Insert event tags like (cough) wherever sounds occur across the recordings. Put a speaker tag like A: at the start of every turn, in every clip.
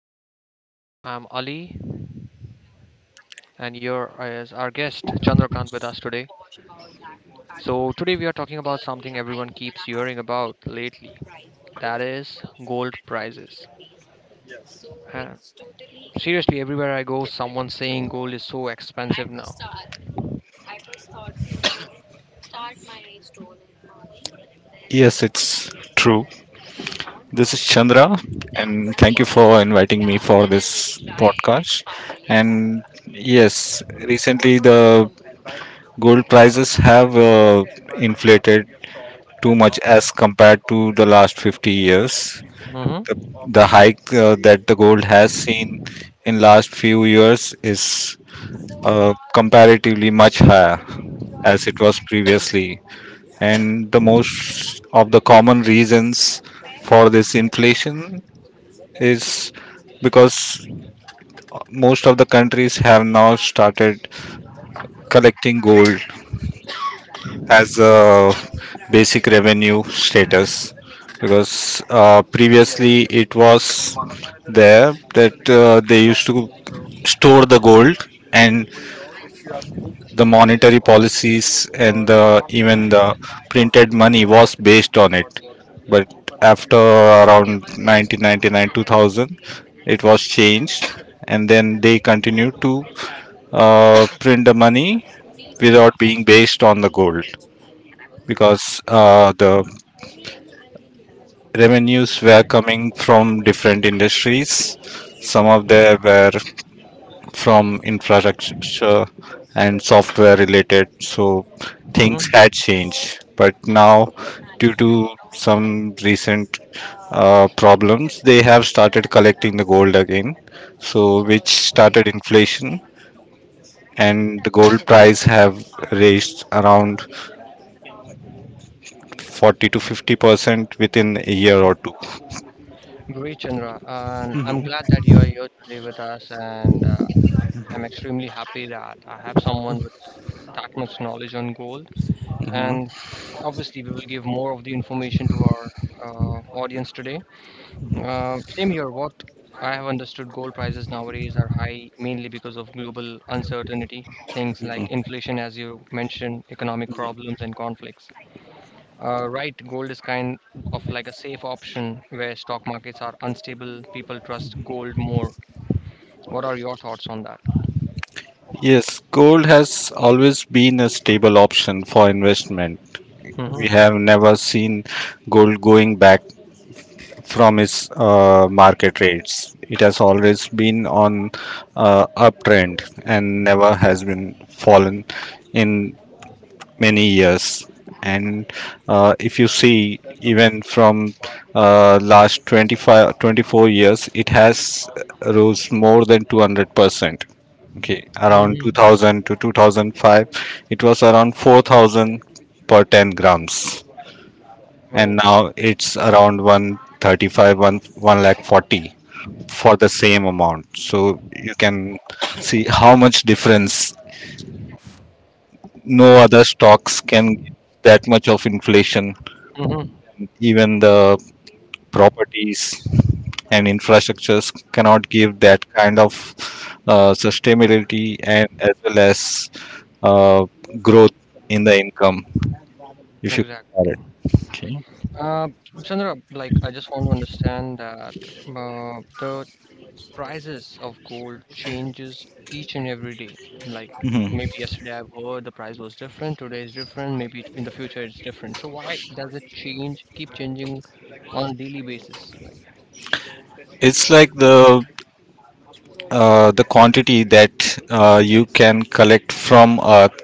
A: back to our podcast. I'm Ali and you're as our guest Chandrakant with us today. So today we are talking about something everyone keeps hearing about lately. That is gold prices. And seriously, everywhere I go, someone's saying gold is so expensive now.
B: Yes, it's true. This is Chandra, and thank you for inviting me for this podcast. And yes, recently the gold prices have inflated too much as compared to the last 50 years. The,
A: Mm-hmm.
B: the hike that the gold has seen in last few years is comparatively much higher as it was previously. And the most of the common reasons for this inflation is because most of the countries have now started collecting gold as a basic revenue status, because previously it was there that they used to store the gold and the monetary policies, and even the printed money was based on it. But after around 1999 2000 it was changed, and then they continued to print the money without being based on the gold because the revenues were coming from different industries. Some of them were from infrastructure and software related, so things had
A: Mm-hmm.
B: changed. But now, due to some recent problems, they have started collecting the gold again, so which started inflation. And the gold price have raised around 40 to 50% within a year or 2.
A: Great, Chandra. And I'm glad that you are here today with us. And I'm extremely happy that I have someone with that much knowledge on gold,
B: Mhm.
A: and obviously we will give more of the information to our audience today. Same here, what I have understood, gold prices nowadays are high mainly because of global uncertainty, things like inflation, as you mentioned, economic problems and conflicts. Right, gold is kind of like a safe option where stock markets are unstable, people trust gold more. What are your thoughts on that?
B: Yes, gold has always been a stable option for investment. We
A: Mm-hmm.
B: have never seen gold going back from its market rates. It has always been on uptrend and never has been fallen in many years. And if you see, even from last 25, 24 years, it has rose more than 200%. Okay, around
A: Mm-hmm.
B: 2000 to 2005, it was around 4,000 per 10 grams and
A: Oh.
B: now it's around one thirty-five, one lakh 40 for the same amount, so you can see how much difference. No other stocks can give that much of inflation.
A: Mm-hmm.
B: Even the properties and infrastructures cannot give that kind of sustainability and as well as uh, growth in the income if you
A: Exactly.
B: compare it.
A: Uh, Chandra, like I just want to understand that the prices of gold changes each and every day. Like
B: Mhm.
A: maybe yesterday I've heard the price was different, today is different, maybe in the future it's different. So why does it change, keep changing on a daily basis? Like,
B: It's like the the quantity that you can collect from earth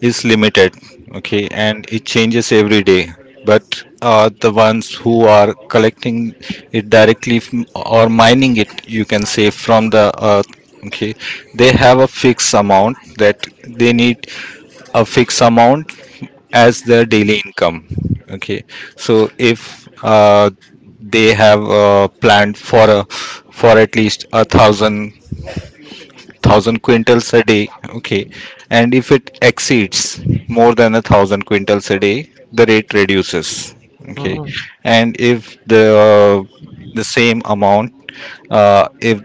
B: is limited, okay, and it changes every day. But the ones who are collecting it directly from, or mining it you can say from the earth, okay, they have a fixed amount that they need, a fixed amount as their daily income, okay. So if they have planned for a for at least a thousand quintals a day, okay, and if it exceeds more than a thousand quintals a day, the rate reduces, okay.
A: mm-hmm,
B: And if the same amount, uh, if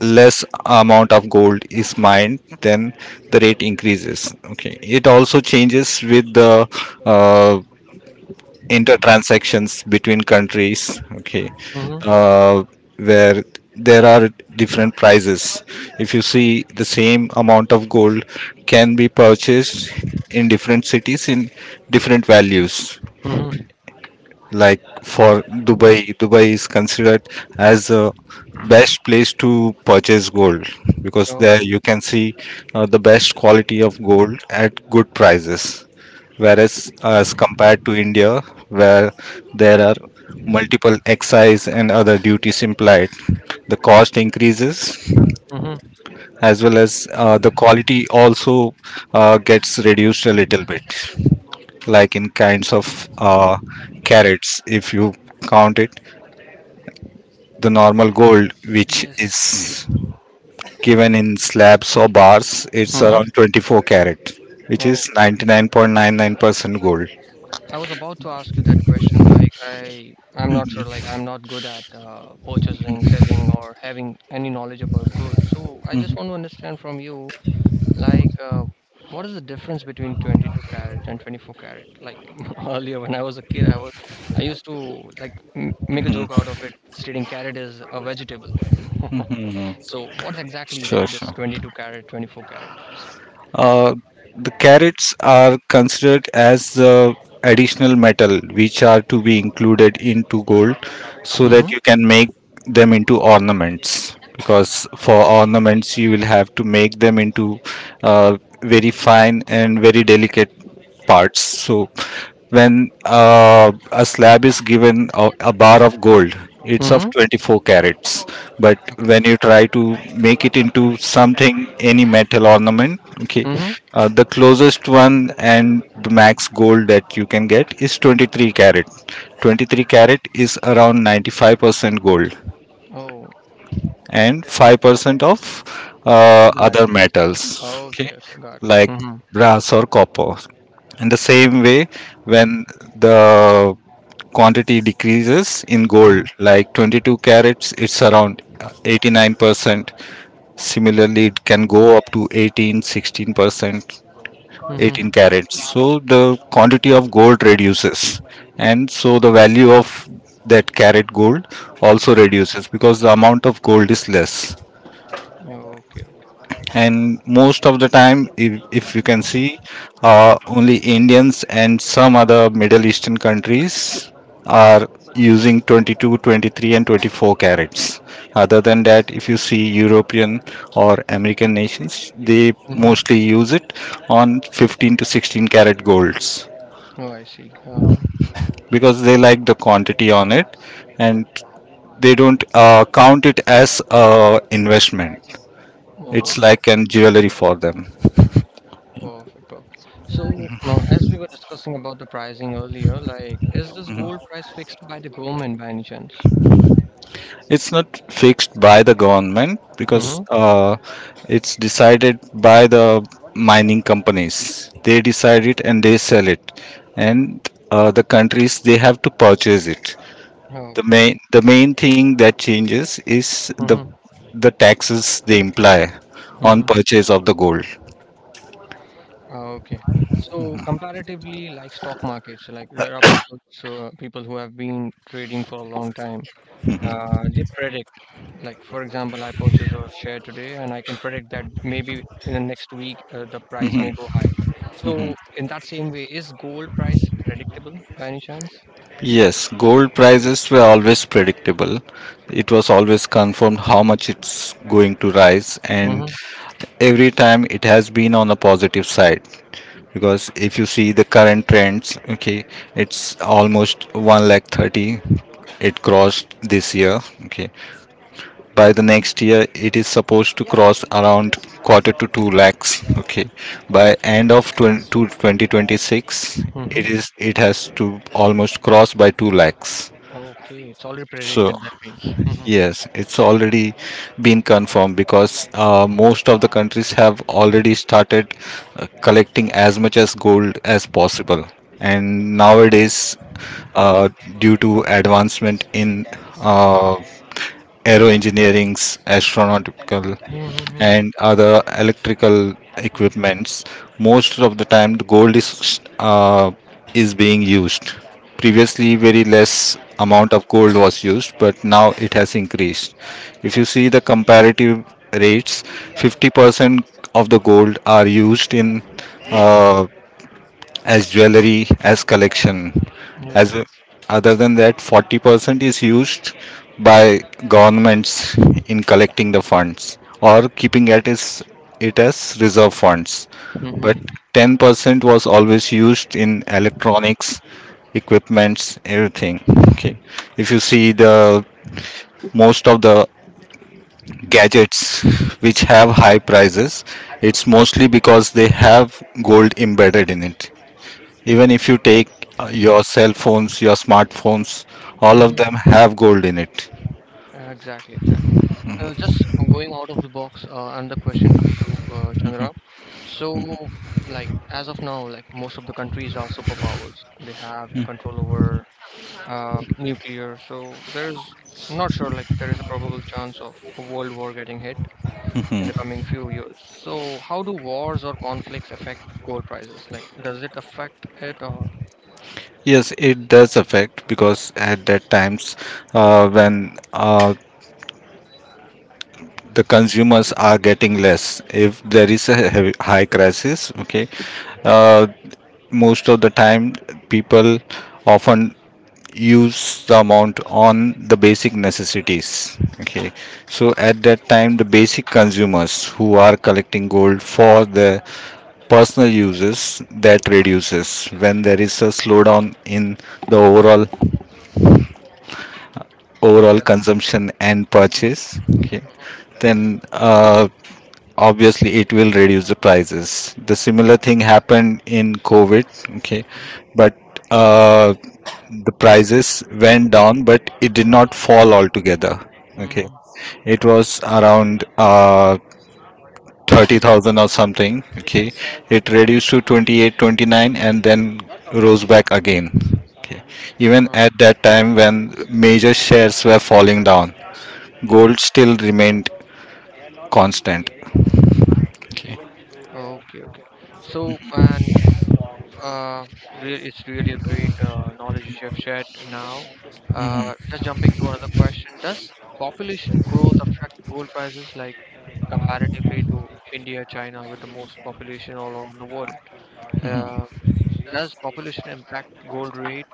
B: less amount of gold is mined, then the rate increases, okay. It also changes with the uh, inter transactions between countries, okay,
A: mm-hmm,
B: uh, where there are different prices. If you see, the same amount of gold can be purchased in different cities in different values.
A: mm-hmm.
B: Like for Dubai, Dubai is considered as a best place to purchase gold because
A: Oh,
B: there
A: yeah.
B: you can see the best quality of gold at good prices, whereas as compared to India, where there are multiple excise and other duties implied, the cost increases,
A: Mm-hmm.
B: as well as the quality also gets reduced a little bit, like in kinds of carats, if you count it. The normal gold, which
A: Yes.
B: is given in slabs or bars, it's
A: Mm-hmm.
B: around 24 carat, which
A: Oh.
B: is 99.99% gold.
A: I was about to ask you that question. Like, I'm not sure. Like, I'm not good at purchasing, selling, or having any knowledge about gold. So, I just
B: Mhm.
A: want to understand from you, like, what is the difference between 22 carat and 24 carat? Like, (laughs) earlier when I was a kid, I was, I used to like m make a joke
B: Mhm,
A: out of it, stating carat is a vegetable. (laughs)
B: mhm.
A: So, what's exactly
B: Sure,
A: like this
B: sure.
A: 22 carat, 24 carat?
B: Uh, the carrots are considered as additional metal which are to be included into gold, so
A: Mm-hmm.
B: that you can make them into ornaments, because for ornaments you will have to make them into uh, very fine and very delicate parts. So when a slab is given, a bar of gold, it's of
A: Mm-hmm.
B: 24 carats. But
A: Okay.
B: when you try to make it into something, any metal ornament, okay,
A: Mm-hmm.
B: the closest one and the max gold that you can get is 23 carat. 23 carat is around 95% gold
A: Oh,
B: and 5% of
A: other
B: other
A: metals.
B: metals,
A: Okay.
B: okay,
A: Okay. Got it.
B: like brass or copper. In the same way, when the quantity decreases in gold, like 22 carats, it's around 89%. Similarly, it can go up to 18, 16%,
A: Mm-hmm.
B: 18 carats. So the quantity of gold reduces, and so the value of that carat gold also reduces because the amount of gold is less.
A: Okay, okay, okay.
B: And most of the time, if you can see, only Indians and some other Middle Eastern countries are using 22 23 and 24 carats. Other than that, if you see European or American nations, they
A: Mm-hmm.
B: mostly use it on 15 to 16 carat golds,
A: Oh, I see.
B: because they like the quantity on it and they don't count it as a investment. It's
A: Oh,
B: like an jewelry for them.
A: perfect, perfect. So, as we were discussing about the pricing earlier, like, is this gold price fixed by the government by any chance?
B: It's not fixed by the government, because
A: Mm-hmm.
B: it's decided by the mining companies. They decide it and they sell it, and the countries they have to purchase it. The
A: Okay.
B: main the main thing that changes is the
A: Mm-hmm.
B: the taxes they imply on
A: Mm-hmm.
B: purchase of the gold.
A: Okay. So, comparatively, like stock markets, like there are people, so people who have been trading for a long time. They predict, like for example, I purchase a share today, and I can predict that maybe in the next week the price
B: Mhm.
A: may go high. So in that same way, is gold price predictable by any chance?
B: Yes, gold prices were always predictable. It was always confirmed how much it's going to rise, and
A: Mm-hmm.
B: every time it has been on the positive side, because if you see the current trends, okay, it's almost 1 lakh 30 it crossed this year, okay. By the next year, it is supposed to cross around quarter to 2 lakhs, okay. By end of 20, to 2026,
A: Mm-hmm.
B: it has to almost cross by 2 lakhs.
A: Okay, it's already
B: So
A: predicted. That means. Mm-hmm.
B: yes, it's already been confirmed, because most of the countries have already started collecting as much as gold as possible. And nowadays, uh, due to advancement in uh, aero engineering's, astronautical
A: Mm-hmm.
B: and other electrical equipments, most of the time the gold is is being used. Previously, very less amount of gold was used, but now it has increased. If you see the comparative rates, 50% of the gold are used in uh, as jewelry, as collection.
A: Yeah.
B: As a- Other than that, 40% is used by governments in collecting the funds or keeping it as reserve funds. But
A: Mm-hmm.
B: 10% was always used in electronics, equipments, everything. Okay. If you see, the most of the gadgets which have high prices, it's mostly because they have gold embedded in it. Even if you take your cell phones, your smartphones, all of
A: Mm-hmm.
B: them have gold in it.
A: Exactly. Exactly. Just going out of the box, another question for you, Chandra. So, like as of now, like most of the countries are superpowers. They have control over nuclear. So there's not sure like there is a probable chance of a world war getting hit in the
B: Mhm.
A: coming few years. So how do wars or conflicts affect gold prices? Like does it affect it or
B: Yes, it does affect, because at that times, when uh, the consumers are getting less, if there is a heavy, high crisis, okay, uh, most of the time people often use the amount on the basic necessities, okay. So at that time the basic consumers who are collecting gold for their personal uses, that reduces when there is a slowdown in the overall
A: yeah?
B: overall consumption and
A: Mm-hmm,
B: purchase, okay.
A: mm-hmm,
B: Then obviously it will reduce the prices. The similar thing happened in COVID, okay, but uh, the prices went down but it did not fall altogether, okay.
A: mm-hmm,
B: It was around 30,000 or something. Okay, it reduced to 28, 29, and then rose back again. Okay, even
A: mm-hmm.
B: at that time when major shares were falling down, gold still remained constant. Okay.
A: Okay, okay. So Uh, it's really a great knowledge which you have shared now. Just jumping to another question, does population growth affect gold prices like comparatively to India, China, with the most population all around the world? Uh, does population impact gold rate?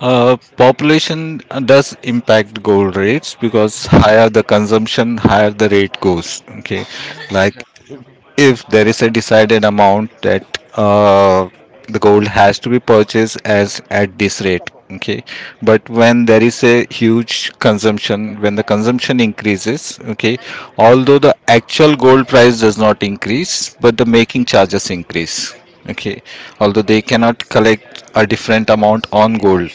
B: Population does impact gold rates, because
A: Mhm,
B: higher the consumption, higher the rate goes. Okay,
A: mhm,
B: like
A: exactly. Hmm.
B: if there is a decided amount that uh, the gold has to be purchased as at this rate, okay. But when there is a huge consumption, when the consumption increases, okay, although the actual gold price does not increase, but the making charges increase. Okay. Although they cannot collect a different amount on gold.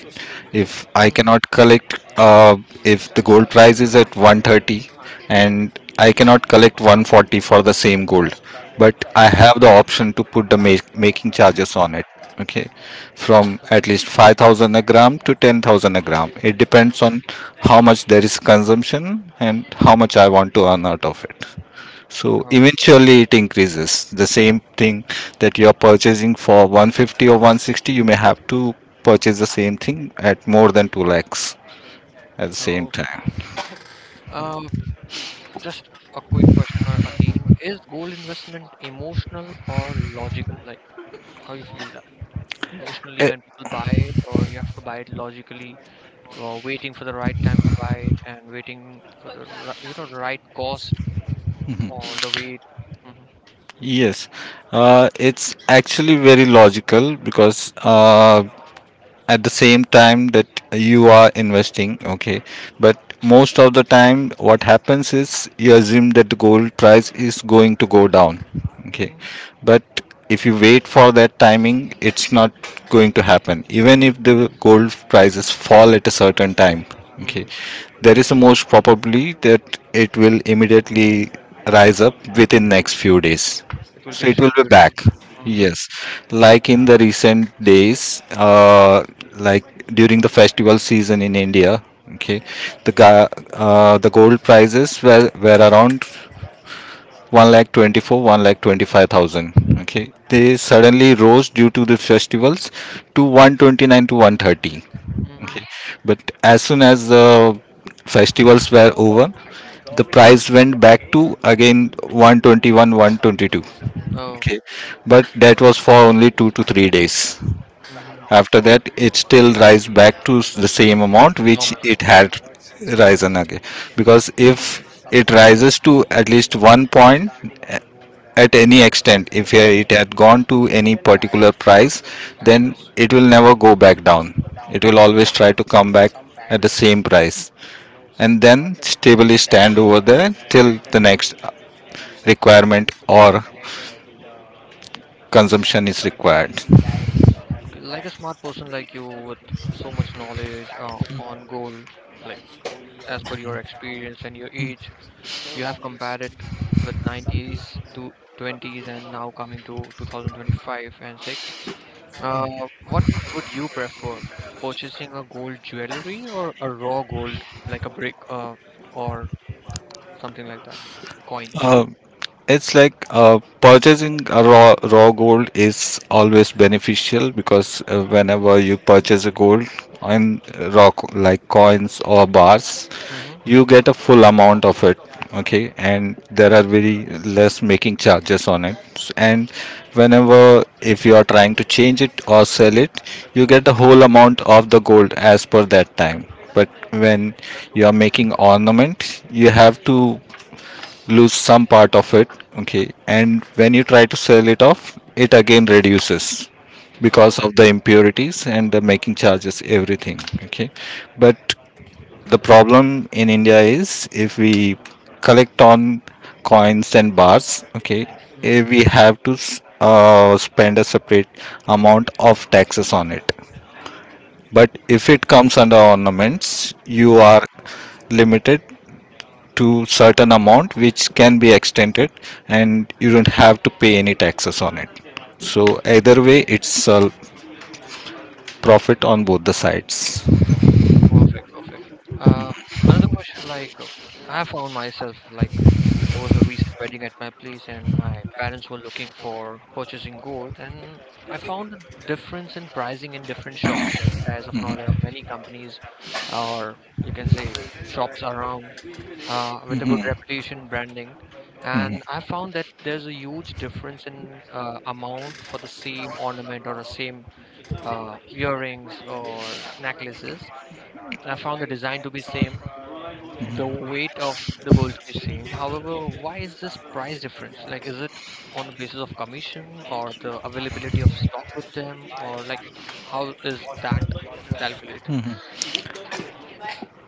B: If I
A: Hmm.
B: cannot collect, if the gold price is at 130 and I cannot collect 140 for the same gold, but I have the option to put the making charges on it. Okay. From at least 5,000 a gram to 10,000 a gram. It depends on how much there is consumption and how much I want to earn out of it. So eventually it increases. The same thing that you are purchasing for 150 or 160, you may have to purchase the same thing at more than 2 lakhs at the same
A: So,
B: time.
A: uh, just a quick question again: Is gold investment emotional or logical? Like, how you feel that? Emotionally
B: Eh,
A: when people buy it, or you have to buy it logically, or waiting for the right time to buy it, and waiting for the you know the right cost or the wait. Hmm.
B: yes, it's actually very logical, because at the same time that you are investing, okay, but most of the time what happens is you assume that the gold price is going to go down, okay,
A: Hmm.
B: but if you wait for that timing, it's not going to happen. Even if the gold prices fall at a certain time, okay,
A: Hmm.
B: there is a most probably that it will immediately rise up within next few days,
A: It will be
B: so
A: a
B: it will
A: short
B: be
A: duration.
B: back.
A: Hmm.
B: Yes. Like in the recent days, like during the festival season in India, okay, the gold prices were around 1 lakh 24, 1 lakh 25 thousand. Okay. They suddenly rose due to the festivals to 129 to 130.
A: Hmm.
B: Okay. But as soon as the festivals were over, the price went back to again 121, 122.
A: Oh.
B: Okay, but that was for only 2 to 3 days.
A: Hmm.
B: After that, it still rise back to the same amount which
A: Normal
B: it
A: amount.
B: had risen again. Because if it rises to at least one point at any extent, if
A: Mm.
B: it had gone to any particular price, then it will never go back down. It will always try to come back at the same price and then stably stand over there till the next requirement or consumption is required.
A: Okay, like a smart person like you with so much knowledge on gold, like as per your experience and your age, you have compared it with 90s to 20s and now coming to 2025 and 6. Uh, what would you prefer, purchasing a gold jewelry or a raw gold, like a brick, or something like that, coins?
B: It's like purchasing a raw gold is always beneficial because whenever you purchase a gold in like coins or bars,
A: Mm-hmm.
B: you get a full amount of it. Okay, and there are very less making charges on it. And whenever if you are trying to change it or sell it, you get the whole amount of the gold as per that time. But when you are making ornament, you have to lose some part of it, okay, and when you try to sell it off, it again reduces
A: Oh,
B: because of the impurities and the making charges, everything, okay, but the problem in india is if we collect on coins and bars, okay,
A: mm-hmm.
B: we have to spend a separate amount of taxes on it, but if it comes under ornaments, you
A: Hmm.
B: are limited to certain amount which can be extended, and you don't have to pay any taxes on it. So either way it's a profit on both the sides.
A: Perfect, perfect. Uh, Another question, like, I found myself, like there was a recent wedding at my place, and my parents were looking for purchasing gold, and I found a difference in pricing in different shops. Like as of now, there are many companies, or you can say shops around, with a good
B: Mhm,
A: reputation branding, and
B: mhm.
A: I found that there's a huge difference in amount for the same ornament or the same earrings or necklaces. I found the design to be same, the weight of the gold to be same, however, why is this price difference? Like, is it on the basis of commission or the availability of stock with them, or like, how is that calculated?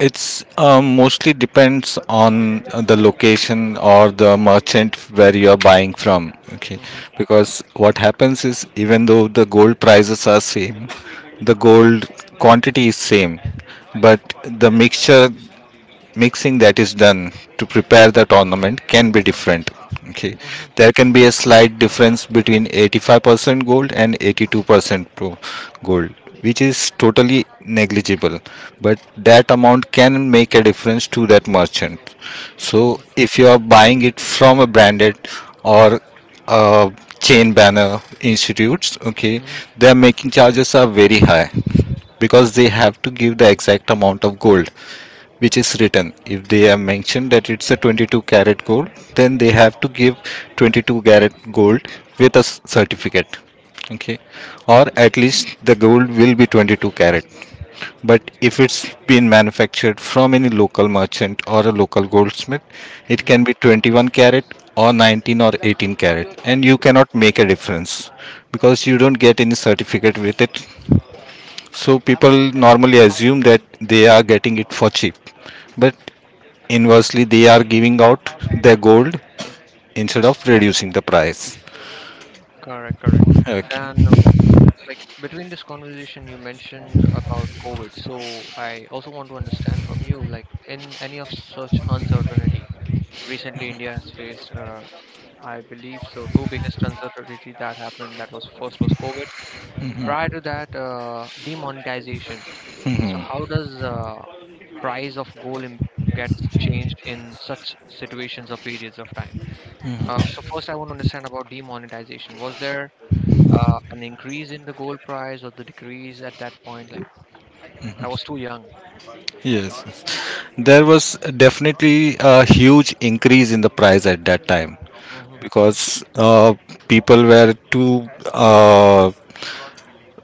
B: It's mostly depends on the location or the merchant where you are buying from. Okay,
A: Mm-hmm,
B: because what happens is even though the gold prices are same, the gold quantity is same, but the mixture mixing that is done to prepare the ornament can be different, okay.
A: mm-hmm,
B: There can be a slight difference between 85% gold and 82% pro gold, which is totally negligible, but that amount can make a difference to that merchant. So
A: mm-hmm,
B: if you are buying it from a branded or a chain banner institutes, okay,
A: mm-hmm,
B: their making charges are very high because they have to give the exact amount of gold which is written. If they have mentioned that it's a 22 karat gold, then they have to give 22 karat gold with a certificate. Okay, or at least the gold will be 22 karat. But if it's been manufactured from any local merchant or a local goldsmith, it
A: mm-hmm.
B: can be 21 karat or 19 or 18 karat, and you cannot make a difference because you don't get any certificate with it. So people normally assume that they are getting it for cheap, but inversely they are giving out their gold instead of reducing the price,
A: Correct, correct.
B: okay.
A: And like between this conversation you mentioned about COVID, so I also want to understand from you, like in any of such uncertainty, recently India has faced, I believe so, two biggest uncertainty that happened. That was first was COVID. Prior to that, demonetization. So how does price of gold im- gets changed in such situations or periods of time? So first, I want to understand about demonetization. Was there an increase in the gold price or the decrease at that point? Like I was too young.
B: Yes, yes. There was definitely a huge increase in the price at that time
A: Mhm,
B: because people were too uh,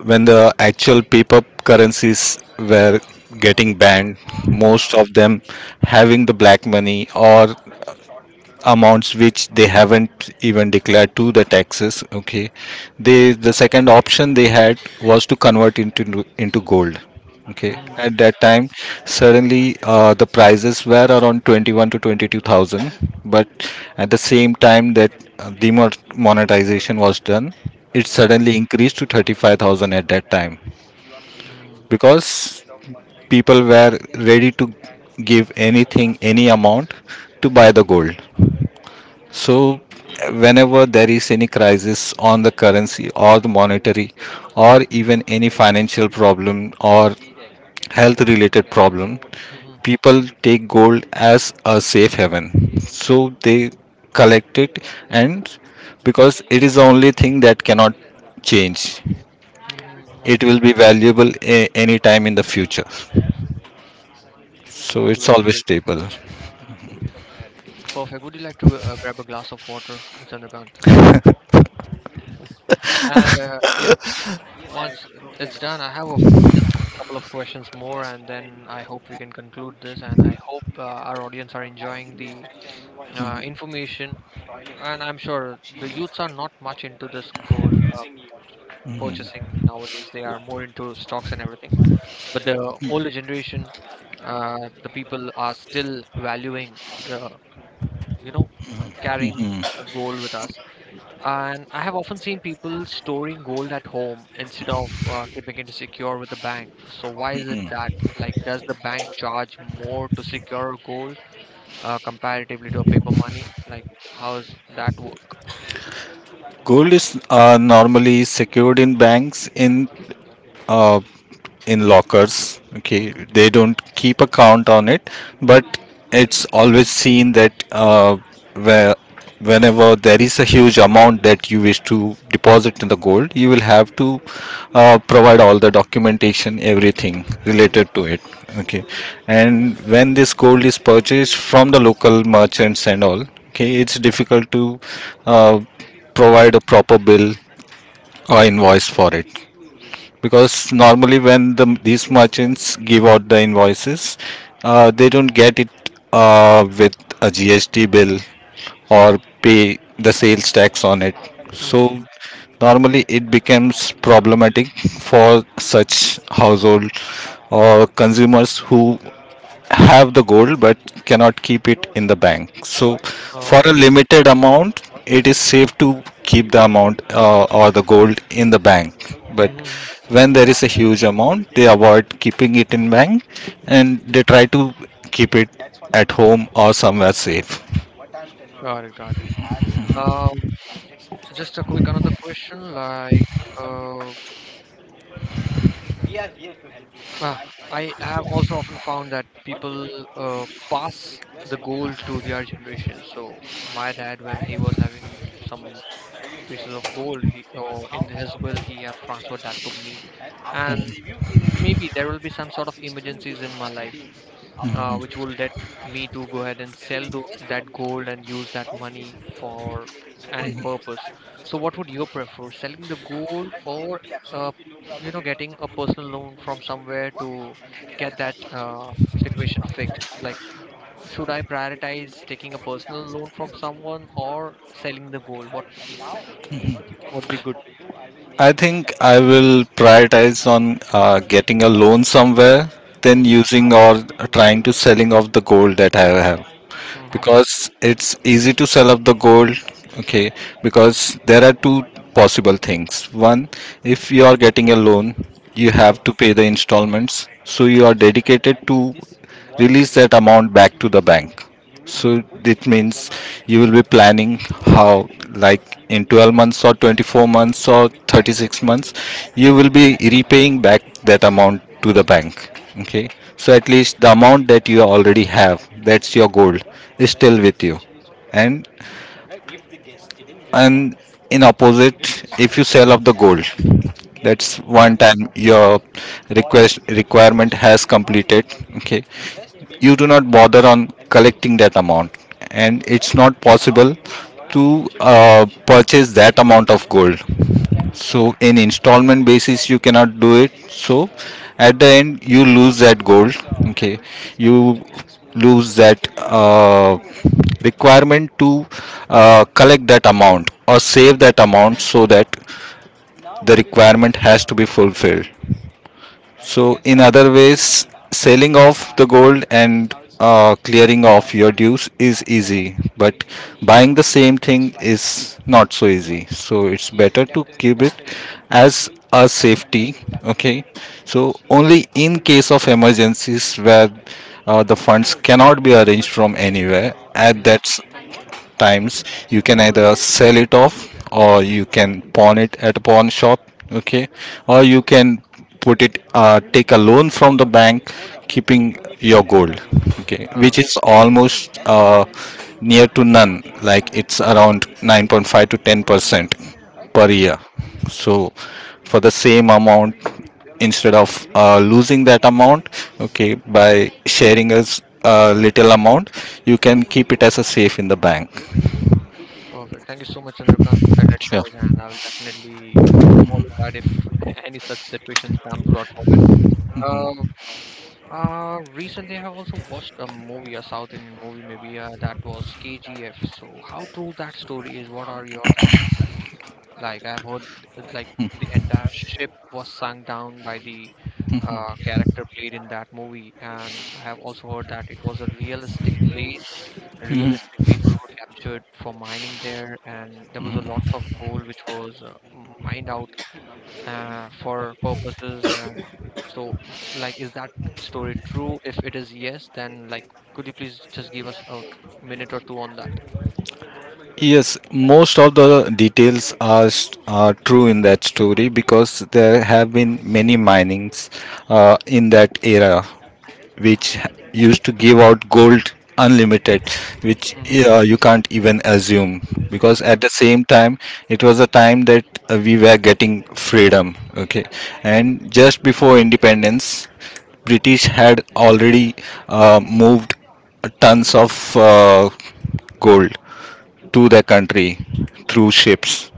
B: when the actual paper currencies were getting banned,
A: mhm,
B: most of them having the black money or amounts which they haven't even declared to the taxes, okay. The second option they had was to convert into gold, okay.
A: mhm.
B: At that
A: Right.
B: time, suddenly the prices were around 21 to 22,000, but at the same time that demonetization was done, it suddenly increased to 35,000 at that time
A: Mhm,
B: because people were ready to give anything, any amount, to buy the gold. So whenever there is any crisis on the currency or the monetary or even any financial problem or health related problem,
A: mhm,
B: people take gold as a safe haven. So they collect it, and because it is the only thing that cannot change,
A: mhm,
B: it will
A: mhm.
B: be valuable any time in the future. So it's
A: Great,
B: always
A: great.
B: stable.
A: Perfect. Would you like to grab a glass of water, Chandrakant? And yeah, once it's done, I have a f just a couple of questions more, and then I hope we can conclude this. And I hope our audience are enjoying the information. And I'm sure the youths are not much into this gold purchasing nowadays. They are more into stocks and everything, but the older generation, uh, the people are still valuing, uh, you know, carrying a gold with us. And I have often seen people storing gold at home instead of keeping it secure with the bank. So why is it that? Like, does the bank charge more to secure gold comparatively to a paper money? Like, how does that work?
B: Gold is normally secured in banks uh, in lockers, okay.
A: Hmm.
B: They don't keep a count on it, but it's always seen that where whenever there is a huge amount that you wish to deposit in the gold, you will have to provide all the documentation, everything related
A: Hmm.
B: to it, okay. And when this gold is purchased from the local merchants and all, okay, it's difficult to uh, provide a proper bill or invoice for it because normally when the, these merchants give out the invoices, they don't get it with a GST bill or pay the sales tax on it. So
A: Hmm.
B: normally it becomes problematic for such household or consumers who have the gold but cannot keep it in the bank. So, for a
A: Oh.
B: limited amount, it is safe to keep the amount, or the gold, in the bank. But
A: Hmm.
B: when there is a huge amount, they avoid keeping it in bank and they try to keep it at home or somewhere safe.
A: Got it, got it. Uh, just a quick another question, like. Uh, I have also often found that people uh, pass the gold to their generation. So my dad, when he was having some pieces of gold, he or in his will, he have transferred that to me, and maybe there will be some sort of emergencies in my life which will let me to go ahead and sell that gold and use that money for any purpose. So what would you prefer, selling the gold or uh, you know getting a personal loan from somewhere to get that situation fixed? Like, should I prioritize taking a personal loan from someone or selling the gold? What would be good?
B: I think I will prioritize on getting a loan somewhere than
A: Mm-hmm,
B: using or trying to selling off the gold that I have,
A: mm-hmm,
B: because it's easy to sell off the gold, okay. Because there are two possible things. One, if you are getting a loan, you have
A: mm-hmm,
B: to pay the installments, so you are dedicated to release that amount back to the bank. So
A: mm-hmm.
B: it means you will be planning how, like, in 12 months or 24 months or 36 months, you will be repaying back that amount to the bank. Okay. So at
A: Mm-hmm.
B: least the amount that you already have, that's your goal, is still with you. And
A: Mm-hmm.
B: and in opposite, if you sell off the gold, that's
A: Yeah.
B: one time your request requirement has completed, okay.
A: Mm-hmm.
B: You do not bother on collecting that amount, and it's not possible to purchase that amount of gold, so in installment basis you cannot do it. So at the end you lose that gold, okay. You lose that requirement to collect that amount or save that amount, so that the requirement has to be fulfilled. So, in other ways, selling off the gold and clearing off your dues is easy, but buying the same thing is not so easy. So it's better to keep it as a safety. Okay, so only in case of emergencies where the funds cannot be arranged from anywhere at
A: Mm-hmm.
B: that times, you can either sell it off or you can pawn it at a pawn shop, okay, or you can put it, take a loan from the bank, keeping your gold, okay,
A: Ah,
B: which
A: okay.
B: is almost near to none. Like, it's around 9.5 to 10% per
A: Mm-hmm.
B: year. So for the same amount, instead of losing that amount, okay, by sharing a a little amount, you can keep it as a safe in the bank.
A: Perfect. Thank you so much, Chandrakant, for that
B: Sure.
A: advice, and I will definitely follow that if (laughs) any such situation comes, God forbid. Um Recently, I have also watched a movie, a South Indian movie, maybe that was KGF. So, how true that story is? What are your thoughts? Like I've heard, like the entire ship was sunk down by the character played in that movie, and I have also heard that it was a realistic place. Realistic people were captured for mining there, and there was a lots of gold which was mined out for purposes. And so, like, is that story true? If it is yes, then like, could you please just give us a minute or two on that?
B: Yes, most of the details are true in that story because there have been many minings in that era which used to give out gold unlimited, which
A: Mm-hmm.
B: you can't even assume because
A: Mm-hmm.
B: at the same time it was a time that we were getting freedom. Okay, and just before independence, British had already moved tons of gold to the country through ships.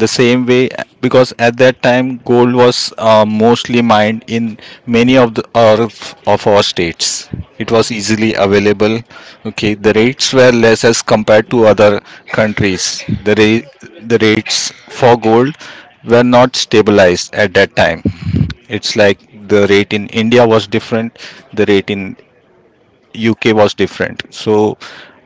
B: The same way, because at that time gold was mostly mined in many of of our states. It
A: Mm-hmm.
B: was easily available. Okay, the rates were less as compared to other countries. The rates for gold were not stabilized at that time. It's like the rate in India was different, the rate in UK was different. So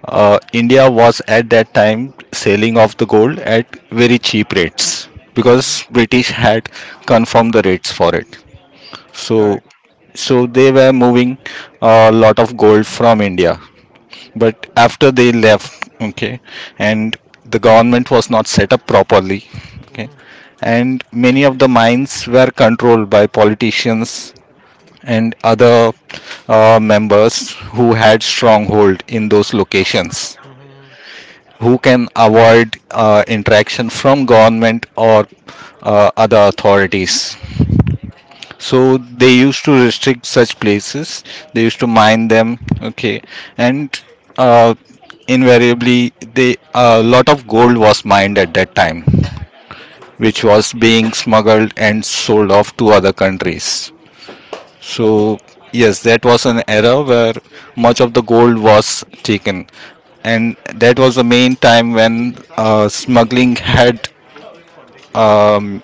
B: India was at that time selling off the gold at very cheap rates
A: Mm-hmm.
B: because British had confirmed the rates for it. So
A: Correct.
B: so they were moving a lot of gold from India, but after they left, okay, and the government was not set up properly, okay,
A: Mm-hmm.
B: and many of the mines were controlled by politicians and other members who had stronghold in those locations,
A: Mhm.
B: who can avoid interaction from government or other authorities. So they used to restrict such places. They used to mine them. Okay, and uh, invariably, they a lot of gold was mined at that time, which was being smuggled and sold off to other countries. So yes, that was an era where much of the gold was taken, and that was the main time when smuggling had um,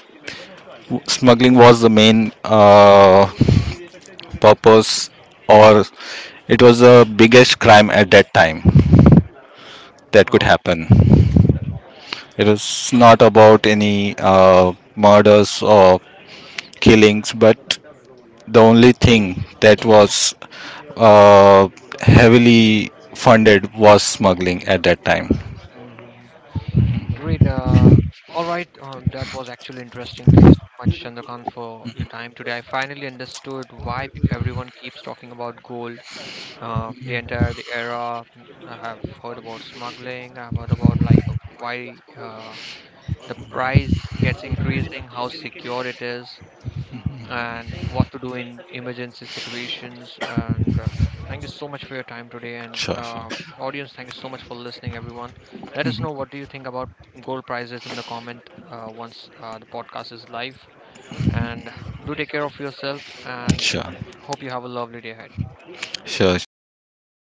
B: smuggling was the main purpose, or it was the biggest crime at that time that could
A: Oh.
B: happen. It was not about any murders or killings, but the only thing that
A: Mhm.
B: was uh, heavily funded was smuggling at that time.
A: Mhm. Great. All right. That was actually interesting. Thank you so much, Chandrakant, for your time today. I finally understood why everyone keeps talking about gold. The entire the era. Mm, I have heard about smuggling. I've heard about like why the price gets increasing, how secure it is, and what to do in emergency situations. And thank you so much for your time today. And
B: Sure, sure,
A: audience, thank you so much for listening, everyone. Let us know what do you think about gold prices in the comment once the podcast is live. And do take care of yourself. And
B: sure,
A: hope you have a lovely day ahead.
B: sure, sure. Thank you very